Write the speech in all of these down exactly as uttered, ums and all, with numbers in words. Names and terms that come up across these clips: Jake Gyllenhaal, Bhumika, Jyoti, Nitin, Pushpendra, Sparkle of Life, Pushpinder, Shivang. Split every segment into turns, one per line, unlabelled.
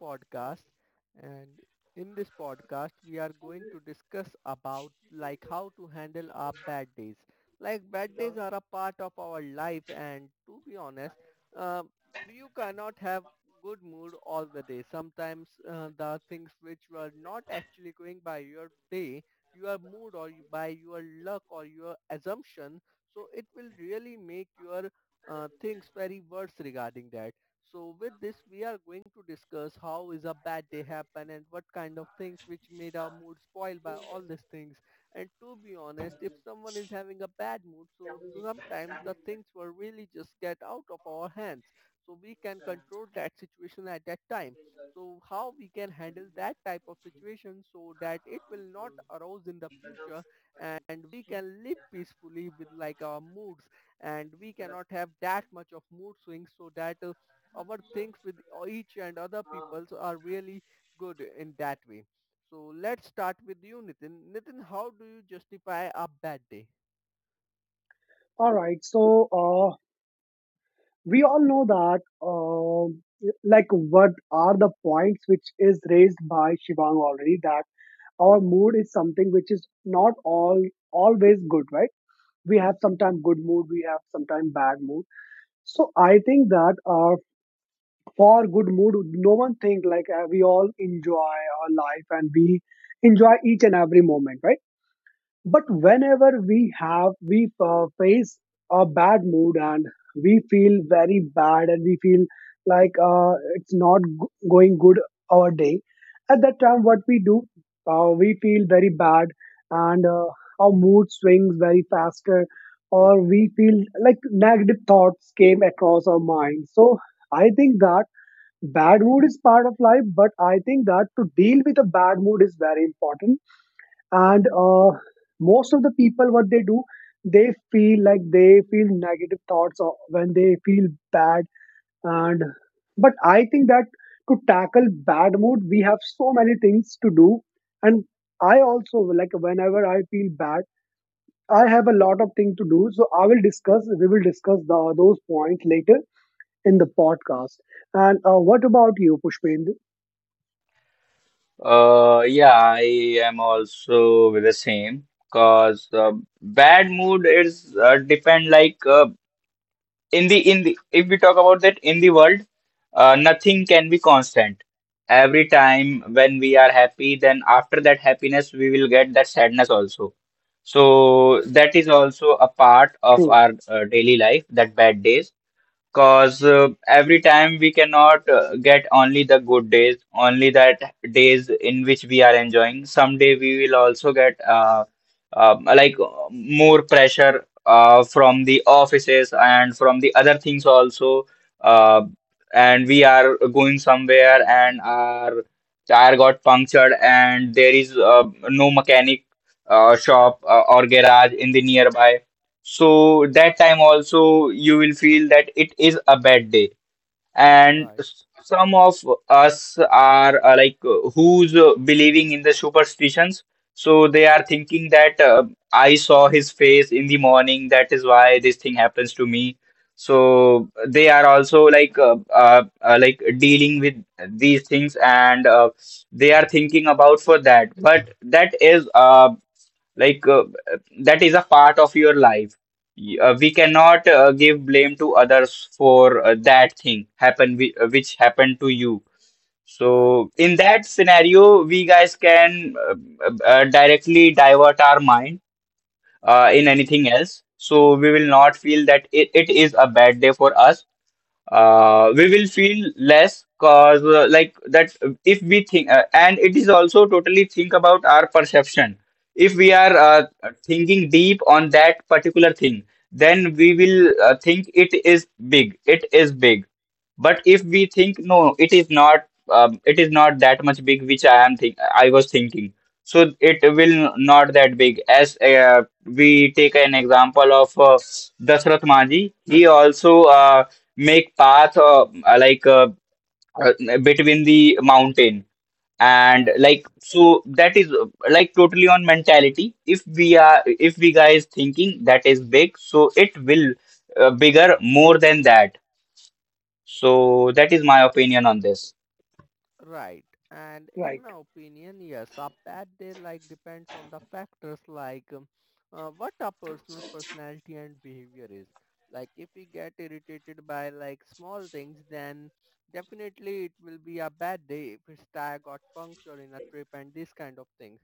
Podcast, and in this podcast we are going to discuss about like how to handle our bad days. Like bad days are a part of our life and to be honest, uh, you cannot have good mood all the day. Sometimes uh, the things which were not actually going by your day, your mood or you- by your luck or your assumption, so it will really make your uh, things very worse regarding that. So with this, we are going to discuss how is a bad day happen and what kind of things which made our mood spoiled by all these things. And to be honest, if someone is having a bad mood, so sometimes the things will really just get out of our hands. So we can control that situation at that time. So how we can handle that type of situation so that it will not arouse in the future and we can live peacefully with like our moods, and we cannot have that much of mood swings so that uh, our things with each and other peoples are really good in that way. So let's start with you, Nitin. Nitin, how do you justify a bad day?
All right. So uh, we all know that, um, like, what are the points which is raised by Shivang already that our mood is something which is not all always good, right? We have sometimes good mood, we have sometimes bad mood. So I think that uh, for good mood, no one think like uh, we all enjoy our life and we enjoy each and every moment, right? But whenever we have, we uh, face a bad mood and we feel very bad and we feel like uh, it's not g- going good our day. At that time, what we do, uh, we feel very bad and uh, our mood swings very faster, or we feel like negative thoughts came across our mind. So I think that bad mood is part of life, but I think that to deal with a bad mood is very important and uh, most of the people what they do they feel like they feel negative thoughts or when they feel bad and but I think that to tackle bad mood we have so many things to do and I also like whenever I feel bad I have a lot of things to do so I will discuss we will discuss the, those points later in the podcast and uh, what about you Pushpendra
Uh, yeah, I am also with the same, because uh, bad mood is uh, depend, like uh, in the in the if we talk about that in the world, uh, nothing can be constant. Every time when we are happy, then after that happiness, we will get that sadness also. So
Right,
that is also a part of
true
our uh, daily life, that bad days. Cause uh, every time we cannot uh, get only the good days, only that days in which we are enjoying. Someday we will also get uh, uh, like uh, more pressure uh, from the offices and from the other things also. Uh, and we are going somewhere and our tire got punctured, and there is uh, no mechanic uh, shop uh, or garage in the nearby, so that time also you will feel that it is a bad day. And
right,
s- some of us are uh, like uh, who's uh, believing in the superstitions. So they are thinking that uh, I saw his face in the morning. That is why this thing happens to me. So they are also like uh, uh, uh, like dealing with these things, and uh, they are thinking about for that. But that is uh, like uh, that is a part of your life. Y- uh, we cannot uh, give blame to others for uh, that thing happen whi- uh, which happened to you.
right,
So in that scenario we guys can uh, uh, uh, directly divert our mind uh, in
right,
anything else, so we will not feel that it, it is a bad day for us. Uh,
right,
we will feel less, cause uh, like that, if we think uh, and it is also totally think about our perception. If we are uh,
right,
thinking deep on that particular thing, then we will uh, think it is big, it is big. But if we think, no, it is not, um, it is not that much big which i am think I was thinking, so it will not that big. As uh, we take an example of uh, Dasrath Maji, he also uh, make path uh, uh, like uh, uh, between the mountain and
right.
like. So that is uh, like totally on mentality. If we are if we guys thinking that is big, so it will uh, bigger more than that. So that is my opinion on this.
Right. And in
right?
my opinion, yes, a bad day like depends on the factors like um, uh, what our personal personality and behavior is. Like if we get irritated by like small things, then definitely it will be a bad day if it's tag got puncture in a trip and these kind of things.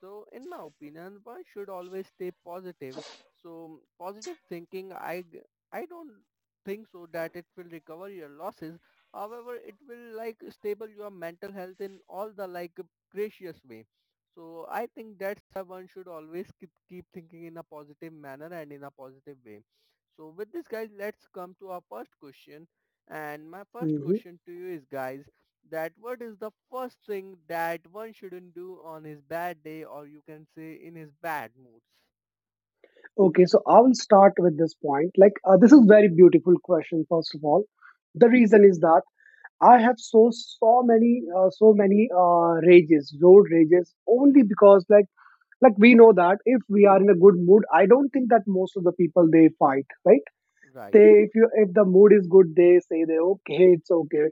So in my opinion, one should always stay positive. So positive thinking, I g- I don't think so that it will recover your losses. However, it will like stable your mental health in all the like gracious way. So I think that's one should always keep keep thinking in a positive manner and in a positive way. So with this guys, let's come to our first question. And my first
Mhm.
question to you is guys, that what is the first thing that one shouldn't do on his bad day, or you can say in his bad moods.
Okay, so I will start with this point. Like, uh, this is very beautiful question. First of all, the reason is that I have so so many uh, so many uh, rages, road rages, only because like like we know that if we are in a good mood, I don't think that most of the people they fight, right?
Right,
They if you if the mood is good, they say they okay, it's okay.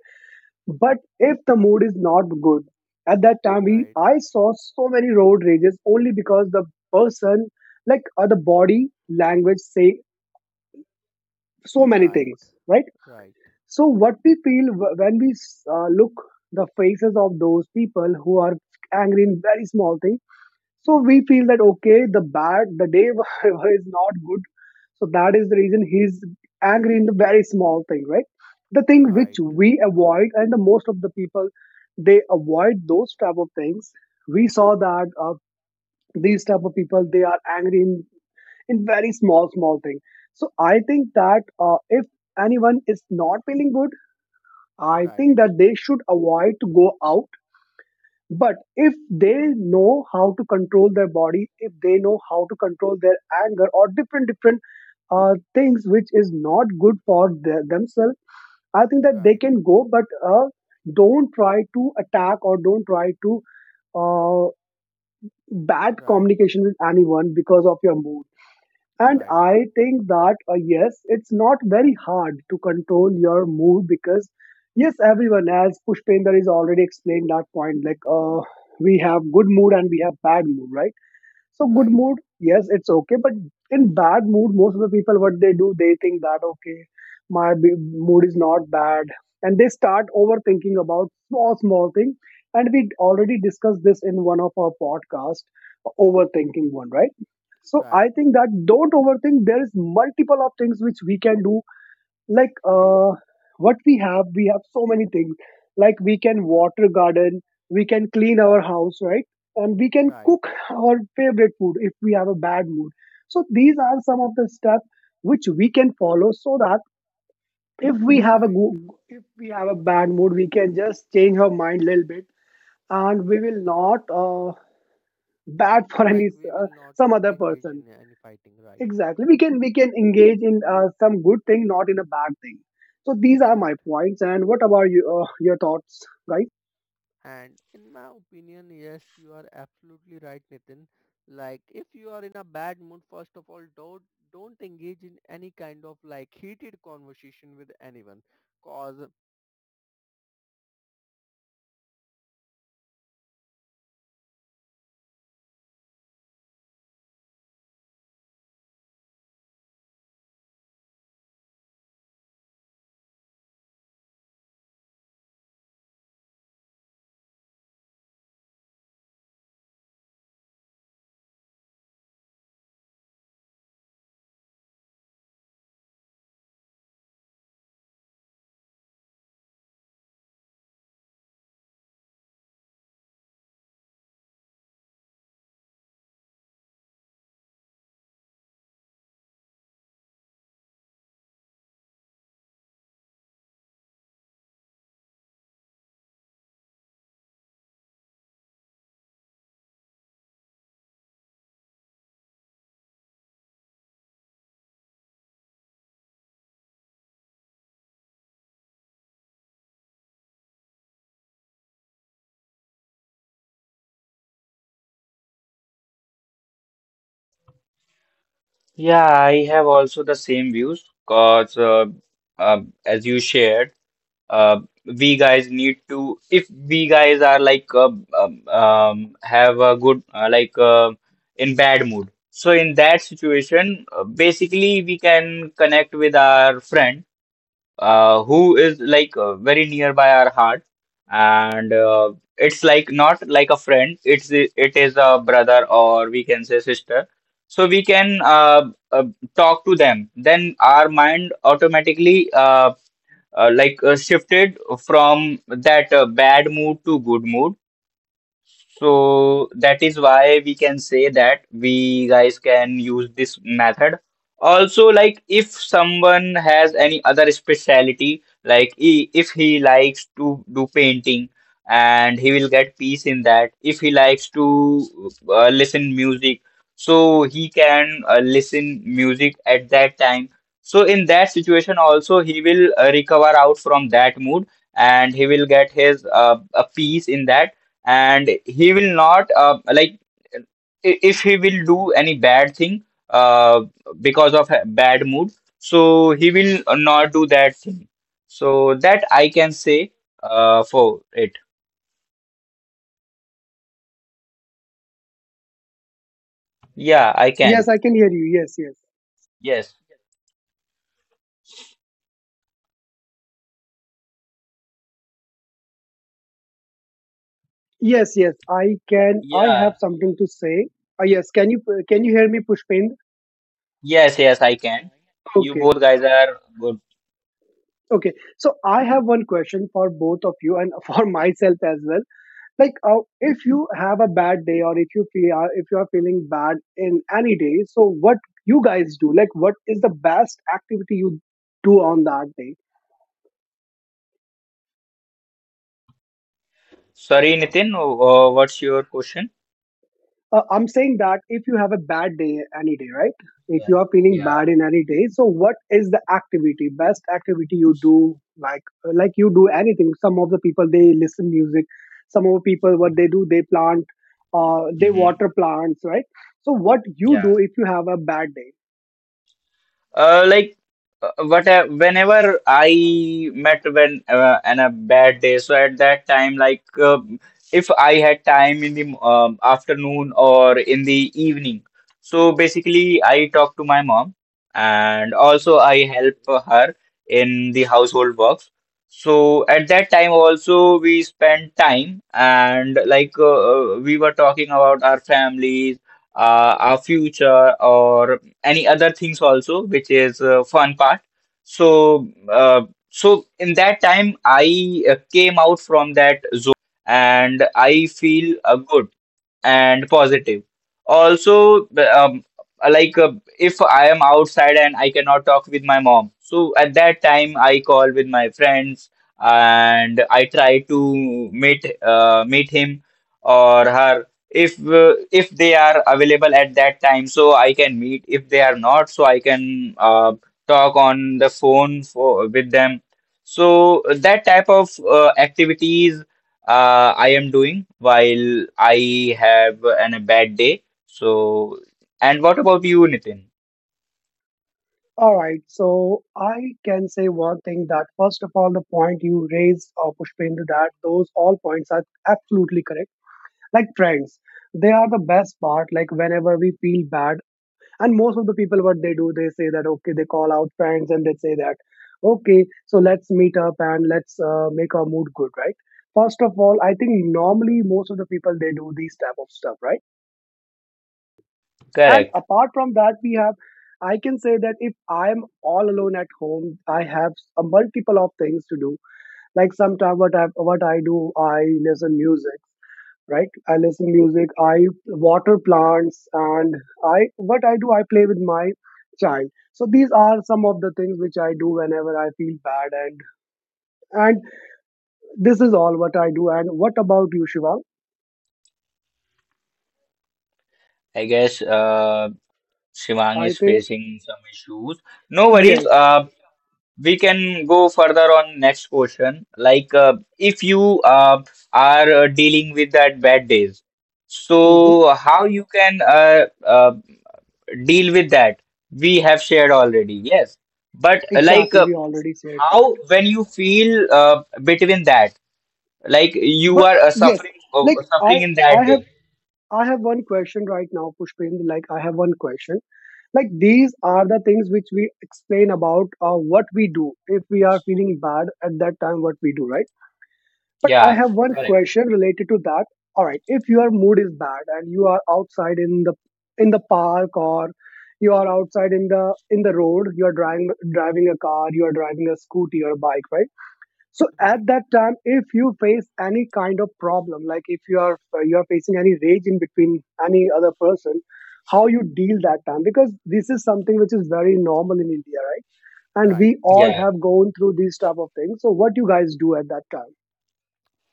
But if the mood is not good, at that time we
right,
I saw so many road rages only because the person like uh, the body language say so many
right,
things, right?
right,
So what we feel wh- when we uh, look the faces of those people who are angry in very small things, so we feel that okay the bad the day is not good, so that is the reason he's angry in the very small thing, right? The thing
right,
which we avoid and the most of the people they avoid those type of things, we saw that uh, these type of people they are angry in in very small small thing. So I think that uh, if anyone is not feeling good
right,
I think
right,
that they should avoid to go out, but if they know how to control their body, if they know how to control their anger or different different uh, things which is not good for the, themselves, I think that they
right,
can go but uh, don't try to attack or don't try to uh, bad
right, right,
communication with anyone because of your mood. And I think that, uh, yes, it's not very hard to control your mood because, yes, everyone, as Pushpender is already explained that point, like uh, we have good mood and we have bad mood, right? So good
right,
mood, yes, it's okay. But in bad mood, most of the people, what they do, they think that okay, my b- mood is not bad, and they start overthinking about small small thing. And we already discussed this in one of our podcast, overthinking one, right? So I think that don't overthink. There is multiple of things which we can do like uh what we have, we have so many things like we can water garden, we can clean our house, right? And we can
right,
cook our favorite food if we have a bad mood. So these are some of the steps which we can follow so that if we have a
right.
go- if we have a bad mood we can just change our mind a little bit and we will not uh, bad for any
Like we will
uh,
not
some other
engage
person.
in any fighting, right,
Exactly. We can we can engage in uh, some good thing, not in a bad thing. So these are
right.
my points. And what about you? Uh, your thoughts, guys?
And in my opinion, yes, you are absolutely right, Nitin. Like, if you are in a bad mood, first of all, don't don't engage in any kind of like heated conversation with anyone, cause.
Yeah, I have also the same views, because uh, uh, as you shared, uh, we guys need to, if we guys are like uh, um, um, have a good uh, like uh, in bad mood, so in that situation uh, basically we can connect with our friend uh, who is like uh, very nearby our heart. And uh, it's like not like a friend, it's it is a brother, or we can say sister. So we can uh, uh, talk to them, then our mind automatically uh, uh, like uh, shifted from that uh, bad mood to good mood. So that is why we can say that we guys can use this method. Also, like if someone has any other speciality, like he, if he likes to do painting, and he will get peace in that. If he likes to uh, listen music, so he can uh, listen music at that time. So in that situation also he will uh, recover out from that mood, and he will get his uh, a peace in that. And he will not uh, like, if he will do any bad thing uh, because of a bad mood, so he will not do that thing. So that I can say uh, for it. Yeah, I
Yes,
can.
I can hear you. Yes, yes,
Yes.
yes, yes. I can. I
Yeah.
have something to say. Uh, yes. Can you can you hear me, Pushpin?
Yes, yes, I can. You
Okay.
both guys are good.
Okay. So I have one question for both of you and for myself as well. Like uh, if you have a bad day or if you feel uh, if you are feeling bad in any day, so what you guys do like what is the best activity you do on that day?
Sorry, Nitin, uh, what's your question?
uh, I'm saying that if you have a bad day any day, right? If
Yeah.
you are feeling
Yeah.
bad in any day, so what is the activity best activity you do? Like uh, like you do anything, some of the people they listen music, some of the people what they do they plant uh, they
Hmm.
water plants, right? So what you
Yeah.
do if you have a bad day?
Uh, like uh, what I- Whenever I met when uh, on a bad day, so at that time, like um if I had time in the um, afternoon or in the evening, so basically I talk to my mom, and also I help her in the household works. So at that time also we spent time, and like uh, uh, we were talking about our families, uh, our future or any other things also, which is uh, fun part. So, uh, so in that time, I uh, came out from that zone and I feel uh, good and positive. Also, um, like uh, if I am outside and I cannot talk with my mom, so at that time I call with my friends, and I try to meet uh, meet him or her, if uh, if they are available at that time, so I can meet. If they are not, so I can uh, talk on the phone for with them. So that type of uh, activities uh, I am doing while I have an, a bad day. So, and what about you, Nitin?
All right, so I can say one thing that first of all, the point you raised, uh, Pushpendra, that those all points are absolutely correct. Like friends, they are the best part. Like whenever we feel bad, and most of the people, what they do, they say that okay, they call out friends and they say that okay, so let's meet up and let's uh, make our mood good, right? First of all, I think normally most of the people they do these type of stuff, right? And
Correct.
apart from that we have, I can say that if I am all alone at home I have a multiple of things to do. Like sometimes what i what i do I listen music, right? I listen music, I water plants, and I what I do I play with my child. So these are some of the things which I do whenever I feel bad and and this is all what I do. And what about you, Shiva?
I guess uh, Shivang
I
is
think
facing some issues. No worries.
yes.
Uh, we can go further on next question. Like, uh, if you uh, are uh, dealing with that bad days,
Hmm.
so how you can uh, uh, deal with that? We have shared already. Yes. But uh, like
Exactly,
uh,
we already said that.
how when you feel uh, between that, like you
But
are uh,
yes,
suffering uh,
like I
suffering in
I
that day.
have, I have one question right now, Pushpendra. Like I have one question. Like these are the things which we explain about uh, what we do if we are feeling bad at that time, what we do, right? But I
Yeah.
have one
Right,
question related to that. All right, if your mood is bad and you are outside in the in the park or you are outside in the in the road, you are driving driving a car, you are driving a scooty or a bike, right? So
right,
at that time if you face any kind of problem, like if you are uh, you are facing any rage in between any other person, how you deal that time? Because this is something which is very normal in India, right? And we
right.
all
Yeah.
have gone through these type of things, so what you guys do at that time?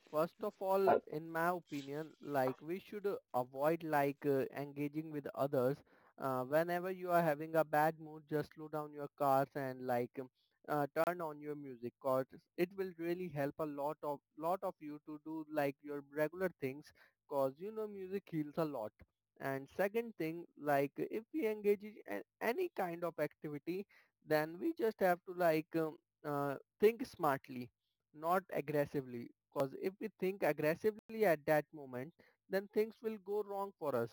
First of all, in my opinion, like we should uh, avoid like uh, engaging with others. Uh, whenever you are having a bad mood, just slow down your cars and like um, uh, turn on your music, cause it will really help a lot of lot of you to do like your regular things, cause you know music heals a lot. And second thing, like if we engage in a- any kind of activity, then we just have to like um, uh, think smartly, not aggressively. Cause if we think aggressively at that moment, then things will go wrong for us.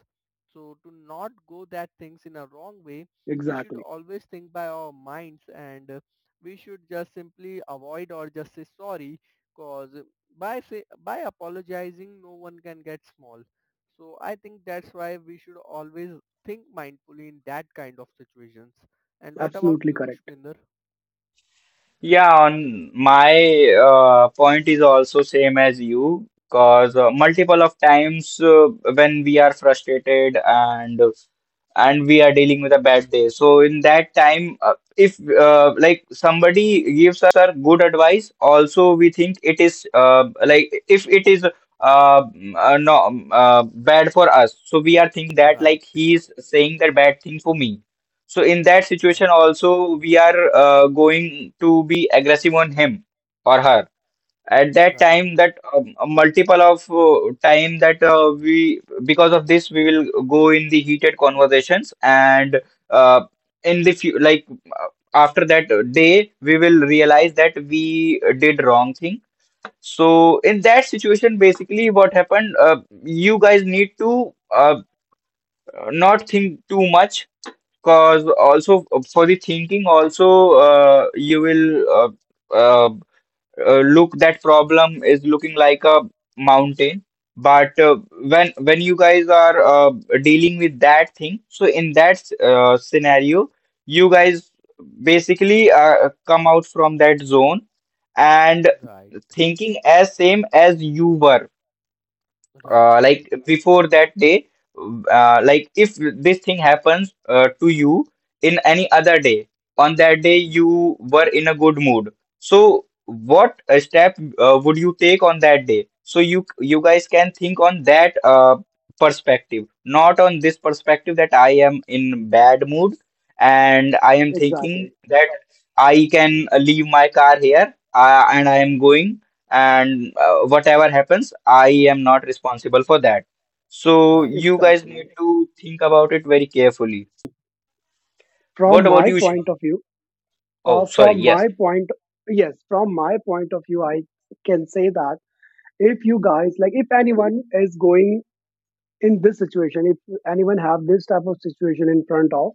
So to not go that things in a wrong way, we should
Exactly,
always think by our minds and uh, we should just simply avoid or just say sorry, cause by say, by apologizing no one can get small. So I think that's why we should always think mindfully in that kind of situations. And what about
absolutely
you,
correct,
Pushpinder?
Yeah, on my uh, point is also same as you, because uh, multiple of times uh, when we are frustrated, and and we are dealing with a bad day. So in that time, uh, if uh, like somebody gives her good advice, also we think it is uh, like if it is uh, uh, no uh, bad for us. So we are thinking that
Right,
like he is saying that bad thing for me, so in that situation
right,
also we are uh, going to be aggressive on him or her. At that
right,
time, that um, a multiple of uh, time that uh, we, because of this we will go in the heated conversations. And uh, in the few, like uh, after that day we will realize that we did wrong thing. So in that situation, basically what happened, uh, you guys need to uh, not think too much. Cause also uh, for the thinking also uh, you will uh, uh, uh, look that problem is looking like a mountain. But uh, when when you guys are uh, dealing with that thing, so in that uh, scenario, you guys basically uh, come out from that zone and
right,
thinking as same as you were,
right.
uh, like before that day. Uh, like if this thing happens uh, to you in any other day, on that day you were in a good mood. So what uh, step uh, would you take on that day? So you you guys can think on that uh, perspective, not on this perspective that I am in bad mood and I am
exactly,
thinking that I can leave my car here uh, and I am going, and uh, whatever happens, I am not responsible for that. So
Right,
you guys need
exactly.
to think about it very carefully.
From
What about
my
you,
point
Shivam?
of view uh,
Oh, sorry.
from
Yes.
my point, yes, from my point of view I can say that if you guys, like if anyone is going in this situation, if anyone have this type of situation in front of,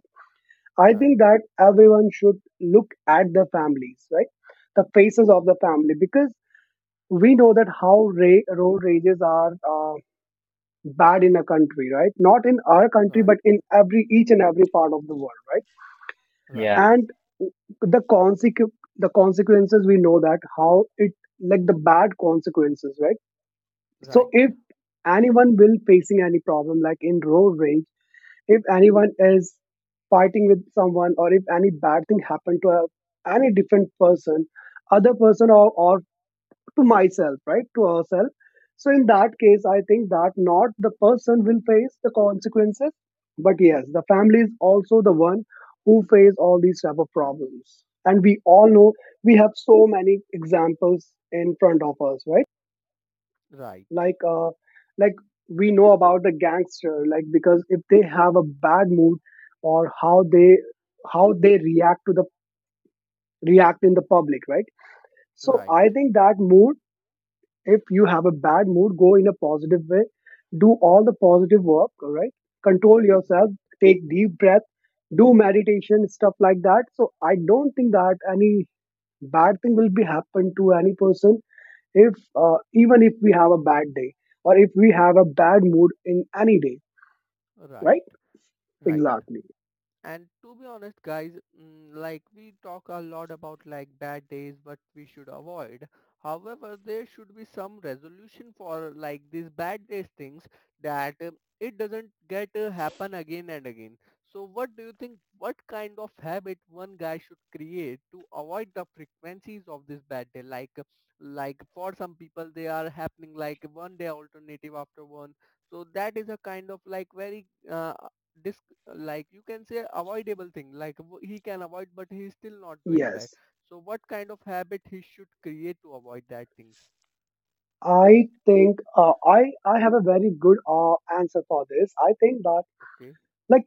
I think
right,
that everyone should look at the families, right? The faces of the family, because we know that how ra- road rages are uh, bad in a country, right? Not in our country but
right,
in every each and every part of the world, right?
right,
Yeah.
And the consequ- the consequences we know that how it like the bad consequences, right?
right,
So if anyone will facing any problem, like in road rage, if anyone is fighting with someone or if any bad thing happened to a, any different person other person or, or to myself, right, to herself, so in that case I think that not the person will face the consequences, but yes the family is also the one who face all these type of problems. And we all know we have so many examples in front of us, right?
right,
Like uh like we know about the gangster, like because if they have a bad mood or how they how they react to the react in the public, right?
right,
So I
right,
think that mood if you have a bad mood, go in a positive way, do all the positive work, all right? Control yourself,
right,
take deep breath, do meditation stuff like that. So I don't think that any bad thing will be happen to any person if uh, even if we have a bad day or if we have a bad mood in any day,
right.
right?
Right, right.
Exactly,
And to be honest, guys, mm, like we talk a lot about like bad days, what we should avoid. However, there should be some resolution for like these bad days things, that uh, it doesn't get uh, happen again and again. So what do you think, what kind of habit one guy should create to avoid the frequencies of this bad day? Like, uh, like for some people, they are happening like one day alternative after one. So that is a kind of like very uh, dis like you can say avoidable thing, like w- he can avoid, but he's still not doing that.
yes,
So what kind of habit he should create to avoid that things?
I think uh, i i have a very good uh, answer for this. I think that
Okay,
like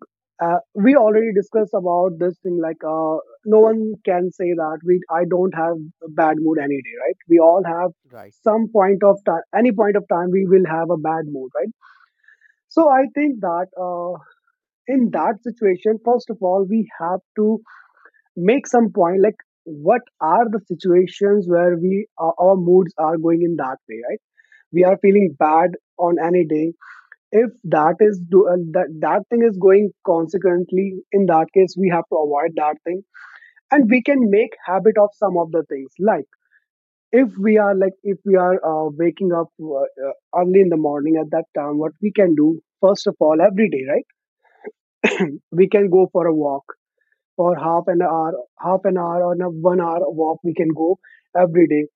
uh, we already discussed about this thing, like uh, no one can say that we I don't have a bad mood any day, right? We all have
right,
some point of time, any point of time we will have a Bad mood, right? So I think that uh, in that situation, first of all, we have to make some point like what are the situations where we our our moods are going in that way, right? We are feeling bad on any day. If that is do, uh, that that thing is going consequently, in that case we have to avoid that thing, and we can make habit of some of the things. Like if we are like if we are uh, waking up uh, uh, early in the morning, at that time what we can do first of all every day, right, we can go for a walk for half an hour, half an hour or a one hour walk we can go every day.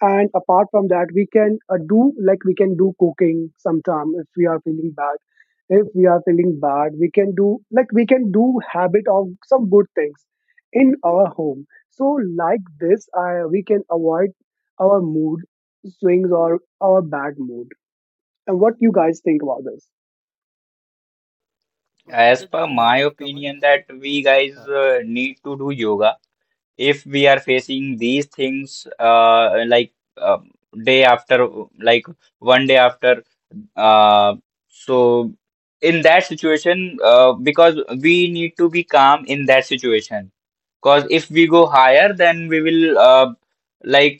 And apart from that, we can uh, do like we can do cooking sometime if we are feeling bad. If we are feeling bad, we can do like we can do habit of some good things in our home. So like this, I, we can avoid our mood swings or our bad mood. And what you guys think about this?
As
Pushpinder, do
per
you have
my
any comments?
opinion, that we guys
Right,
uh, need to do yoga if we are facing these things uh, like um day after, like one day after. Uh, so in that situation, uh, because we need to be calm in that situation. Because if we go higher, then we will uh, like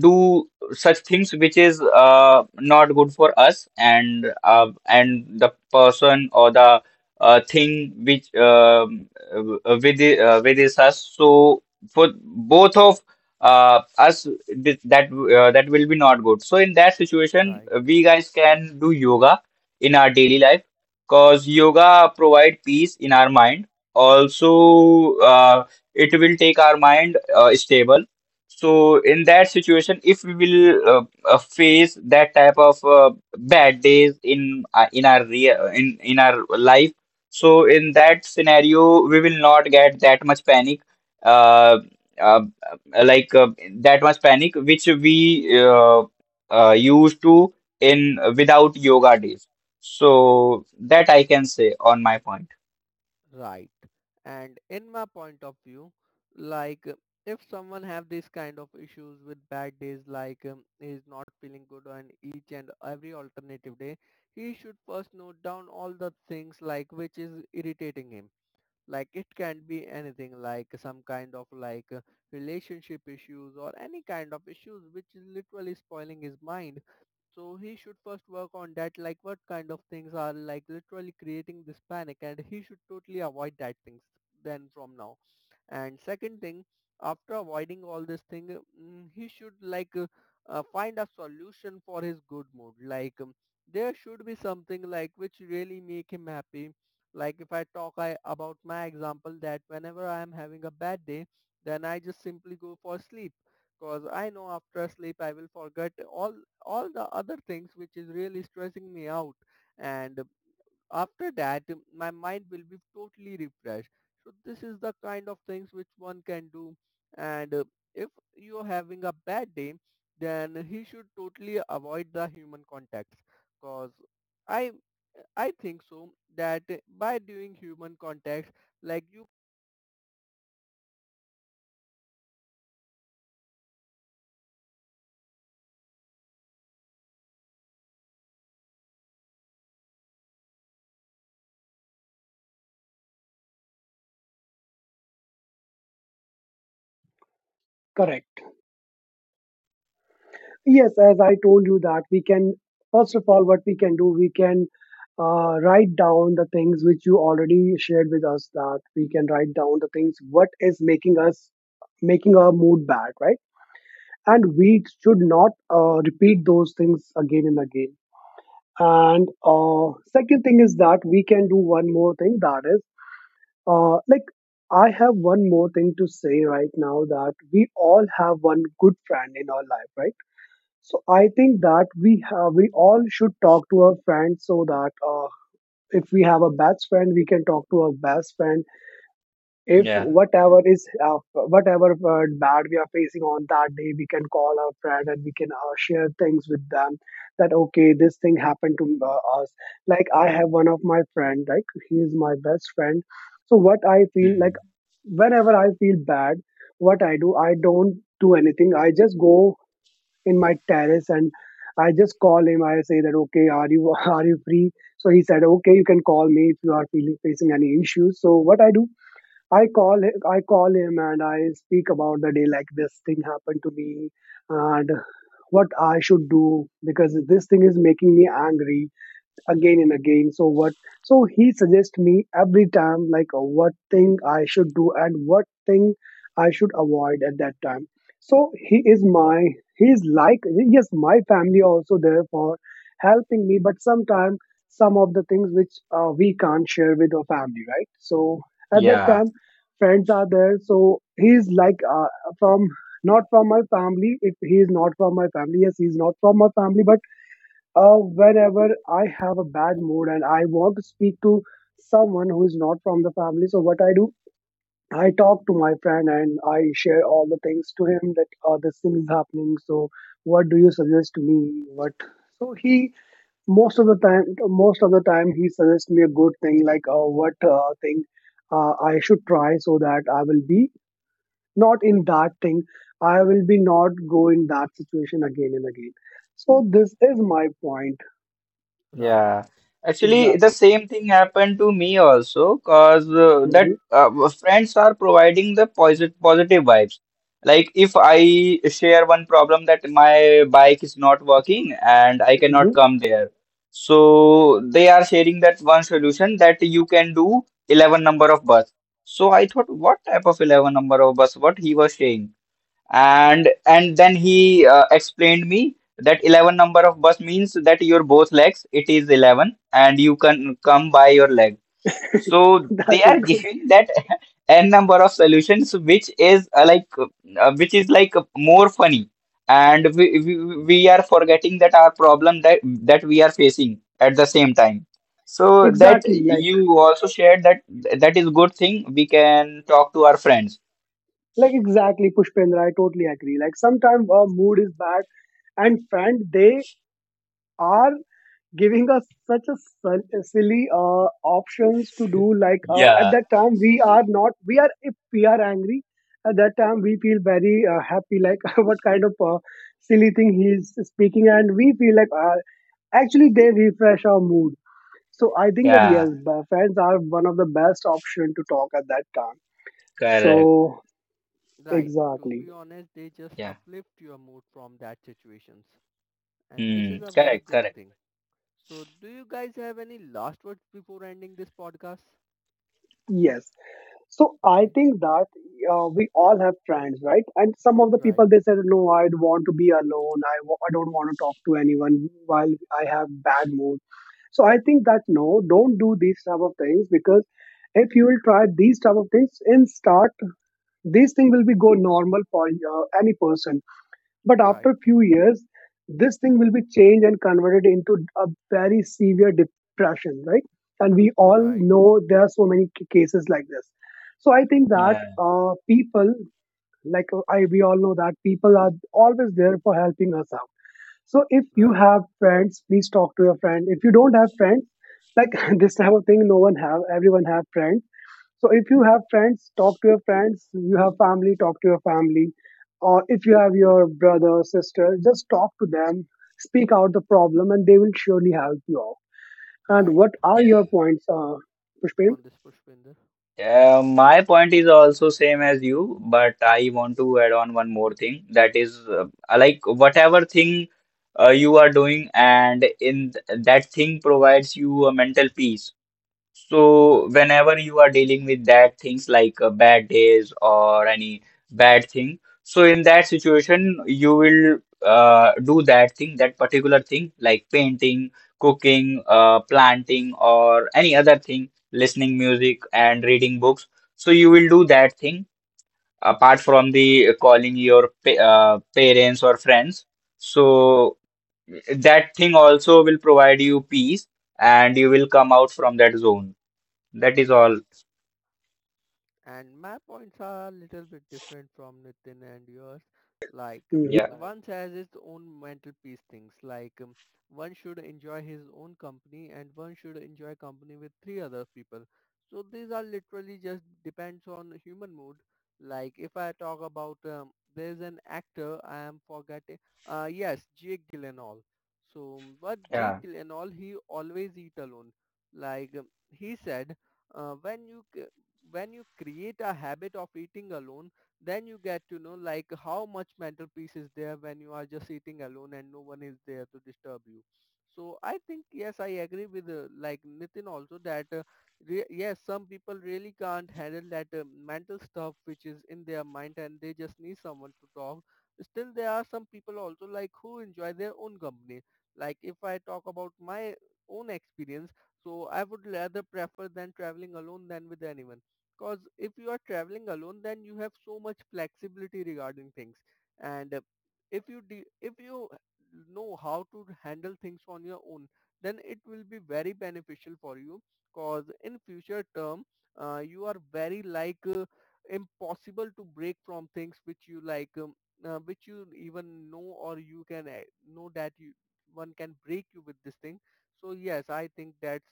do such things which is uh, not good for us, and uh, and the person or the uh, thing which um, uh, with the- uh, with is us, so for both of uh, us th- that uh, that will be not good. So in that situation
right,
we guys can do yoga in our daily life, because yoga provide peace in our mind. Also uh, it will take our mind uh, stable. So in that situation, if we will uh, uh, face that type of uh, bad days in uh, in our real in in our life, so in that scenario, we will not get that much panic, uh, uh, like uh, that much panic which we uh, uh, used to in without yoga days. So that I can say on my point.
right. And in my point of view, like uh, if someone have this kind of issues with bad days, like um, is not feeling good on each and every alternative day, he should first note down all the things like which is irritating him. Like it can be anything, like some kind of like uh, relationship issues or any kind of issues which is literally spoiling his mind. So he should first work on that, like what kind of things are like literally creating this panic, and he should totally avoid that things then from now. And second thing, after avoiding all this thing, mm, he should like uh, uh, find a solution for his good mood. Like um, there should be something like which really make him happy. Like if I talk I, about my example, that whenever I am having a bad day, then I just simply go for sleep, because I know after sleep I will forget all all the other things which is really stressing me out, and after that um, my mind will be totally refreshed. So this is the kind of things which one can do. And uh, if you're having a bad day, then he should totally avoid the human contacts, cause i i think so that uh, by doing human contacts, like you.
Correct. Yes, as I told you that we can, first of all, what we can do, we can uh, write down the things which you already shared with us, that we can write down the things what is making us making our mood bad, right? And we should not uh, repeat those things again and again. And uh, second thing is that we can do one more thing, that is uh, like I have one more thing to say right now. That we all have one good friend in our life, right? So I think that we have we all should talk to our friends, so that uh, if we have a best friend, we can talk to our best friend. If
Yeah.
whatever is uh, whatever uh, bad we are facing on that day, we can call our friend and we can uh, share things with them. That okay, this thing happened to uh, us. Like I have one of my friend, like he is my best friend. So what I feel like,
Hmm.
whenever I feel bad, what I do, I don't do anything. I just go in my terrace and I just call him. I say that, okay, are you are you free? So he said, okay, you can call me if you are feeling facing any issues. So what I do, I call hi- I call him and I speak about the day, like this thing happened to me and what I should do, because this thing is making me angry again and again. So what, so he suggests me every time, like uh, what thing I should do and what thing I should avoid at that time. So he is my he is like, yes, my family also there for helping me, but sometimes some of the things which uh, we can't share with our family, right? So at that
Yeah.
time, friends are there. So he is like uh, from not from my family. If he is not from my family, yes, he is not from my family, but uh, whenever I have a bad mood and I want to speak to someone who is not from the family, so what I do, I talk to my friend and I share all the things to him, that uh, this thing is happening. So what do you suggest me? What? So he, most of the time, most of the time, he suggests me a good thing, like uh, what uh, thing uh, I should try so that I will be not in that thing. I will be not go in that situation again and again. So this is my point
Right,
Yeah, actually, the
exactly.
same thing happened to me also because uh, that
Mhm.
uh, friends are providing the positive positive vibes. Like if I share one problem that my bike is not working and I cannot
Mhm.
come there, so they are sharing that one solution that you can do eleven number of bus. So I thought, what type of eleven number of bus? What he was saying? and and then he uh, explained me that eleven number of bus means that your both legs, it is eleven, and you can come by your leg. So they
That
are
is good.
right,
giving that n number of solutions, which is uh, like uh, which is like more funny, and we, we we are forgetting that our problem that that we are facing at the same time. So that
Exactly, like
you also shared that that is good thing. We can talk to our friends.
like exactly, Pushpendra. I totally agree. Like sometimes our mood is bad, and friend, they are giving us such a sil- silly uh, options to do. Like uh, at
Yeah,
that time, we are not. We are, if we are angry, at that time we feel very uh, happy. Like what kind of uh, silly thing he is speaking, and we feel like uh, actually they refresh our mood. So I think that
yeah,
yes, b- friends are one of the best option to talk at that time.
correct.
So
right. To
exactly,
be honest, they just
Yeah.
uplift your mood from that situations, and this is
Mm,
a very
correct,
good
correct.
thing. So, do you guys have any last words before ending this podcast?
yes. So I
Okay,
think that uh, we all have friends, right? And some of the
right,
people they said, no, I'd want to be alone. I w- I don't want to talk to anyone while I have bad mood. So I think that no, don't do these type of things, because if you will try these type of things in start, these thing will be go normal for uh, any person. But
right,
after few years, this thing will be changed and converted into a very severe depression, right? And we all
right.
know there are so many ca- cases like this. So I think
Okay,
that
Yeah,
uh, people, like uh, I, we all know that people are always there for helping us out. So if you
right,
have friends, please talk to your friend. If you don't have friends, like this type of thing, no one have, everyone have friends. So if you have friends, talk to your friends. You have family, talk to your family. Or if you have your brother or sister, just talk to them, speak out the problem, and they will surely help you out. And
right.
what
yeah.
are your points, uh, Pushpin?
On this, Pushpinder.
Uh, my point is also same as you, but I want to add on one more thing. That is, uh, like
Okay,
whatever thing uh, you are doing, and in th- that thing provides you a mental peace. So
right,
whenever you are dealing with that things like uh, bad days or any bad thing, so in that situation you will uh, do that thing, that particular thing like painting, cooking, uh, planting or any other thing, listening music and reading books. So you will do that thing apart from the uh, calling your pa uh, parents or friends. So that thing also will provide you peace and you will come out from that zone. That is
right.
all.
And my points are a little bit different from Nitin and yours. Like um,
Hmm.
Yeah.
one has its own mental peace things. Like um, one should enjoy his own company, and one should enjoy company with three other people. So these are literally just depends on human mood. Like if I talk about um, there's an actor I am forgetting. Uh, yes, Jake Gyllenhaal. So but Jake
Yeah.
Gyllenhaal, he always eat alone. Like um, he said uh, when you c- when you create a habit of eating alone, then you get to know like how much mental peace is there when you are just eating alone and no one is there to disturb you. So I think yes, I agree with uh, like Nitin also that uh, re- yes, some people really can't handle that uh, mental stuff which is in their mind, and they just need someone to talk. Still, there are some people also like who enjoy their own company. Like if I talk about my own experience, so I would rather prefer than traveling alone than with anyone, because if you are traveling alone, then you have so much flexibility regarding things. And uh, if you de- if you know how to handle things on your own, then it will be very beneficial for you. Because in future term, uh, you are very like uh, impossible to break from things which you like, um, uh, which you even know, or you can uh, know that you one can break you with this thing. So yes, I think that's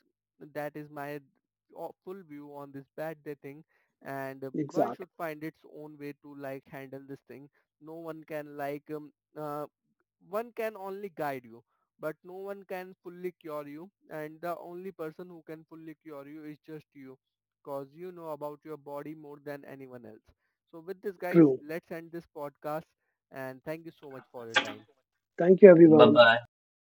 that is my o- full view on this bad day thing. And um, one
Exactly.
should find its own way to like handle this thing. No one can, like um, uh, one can only guide you, but no one can fully cure you, and the only person who can fully cure you is just you, cause you know about your body more than anyone else. So with this guys,
True.
let's end this podcast, and thank you so much for your time.
Thank you, everyone.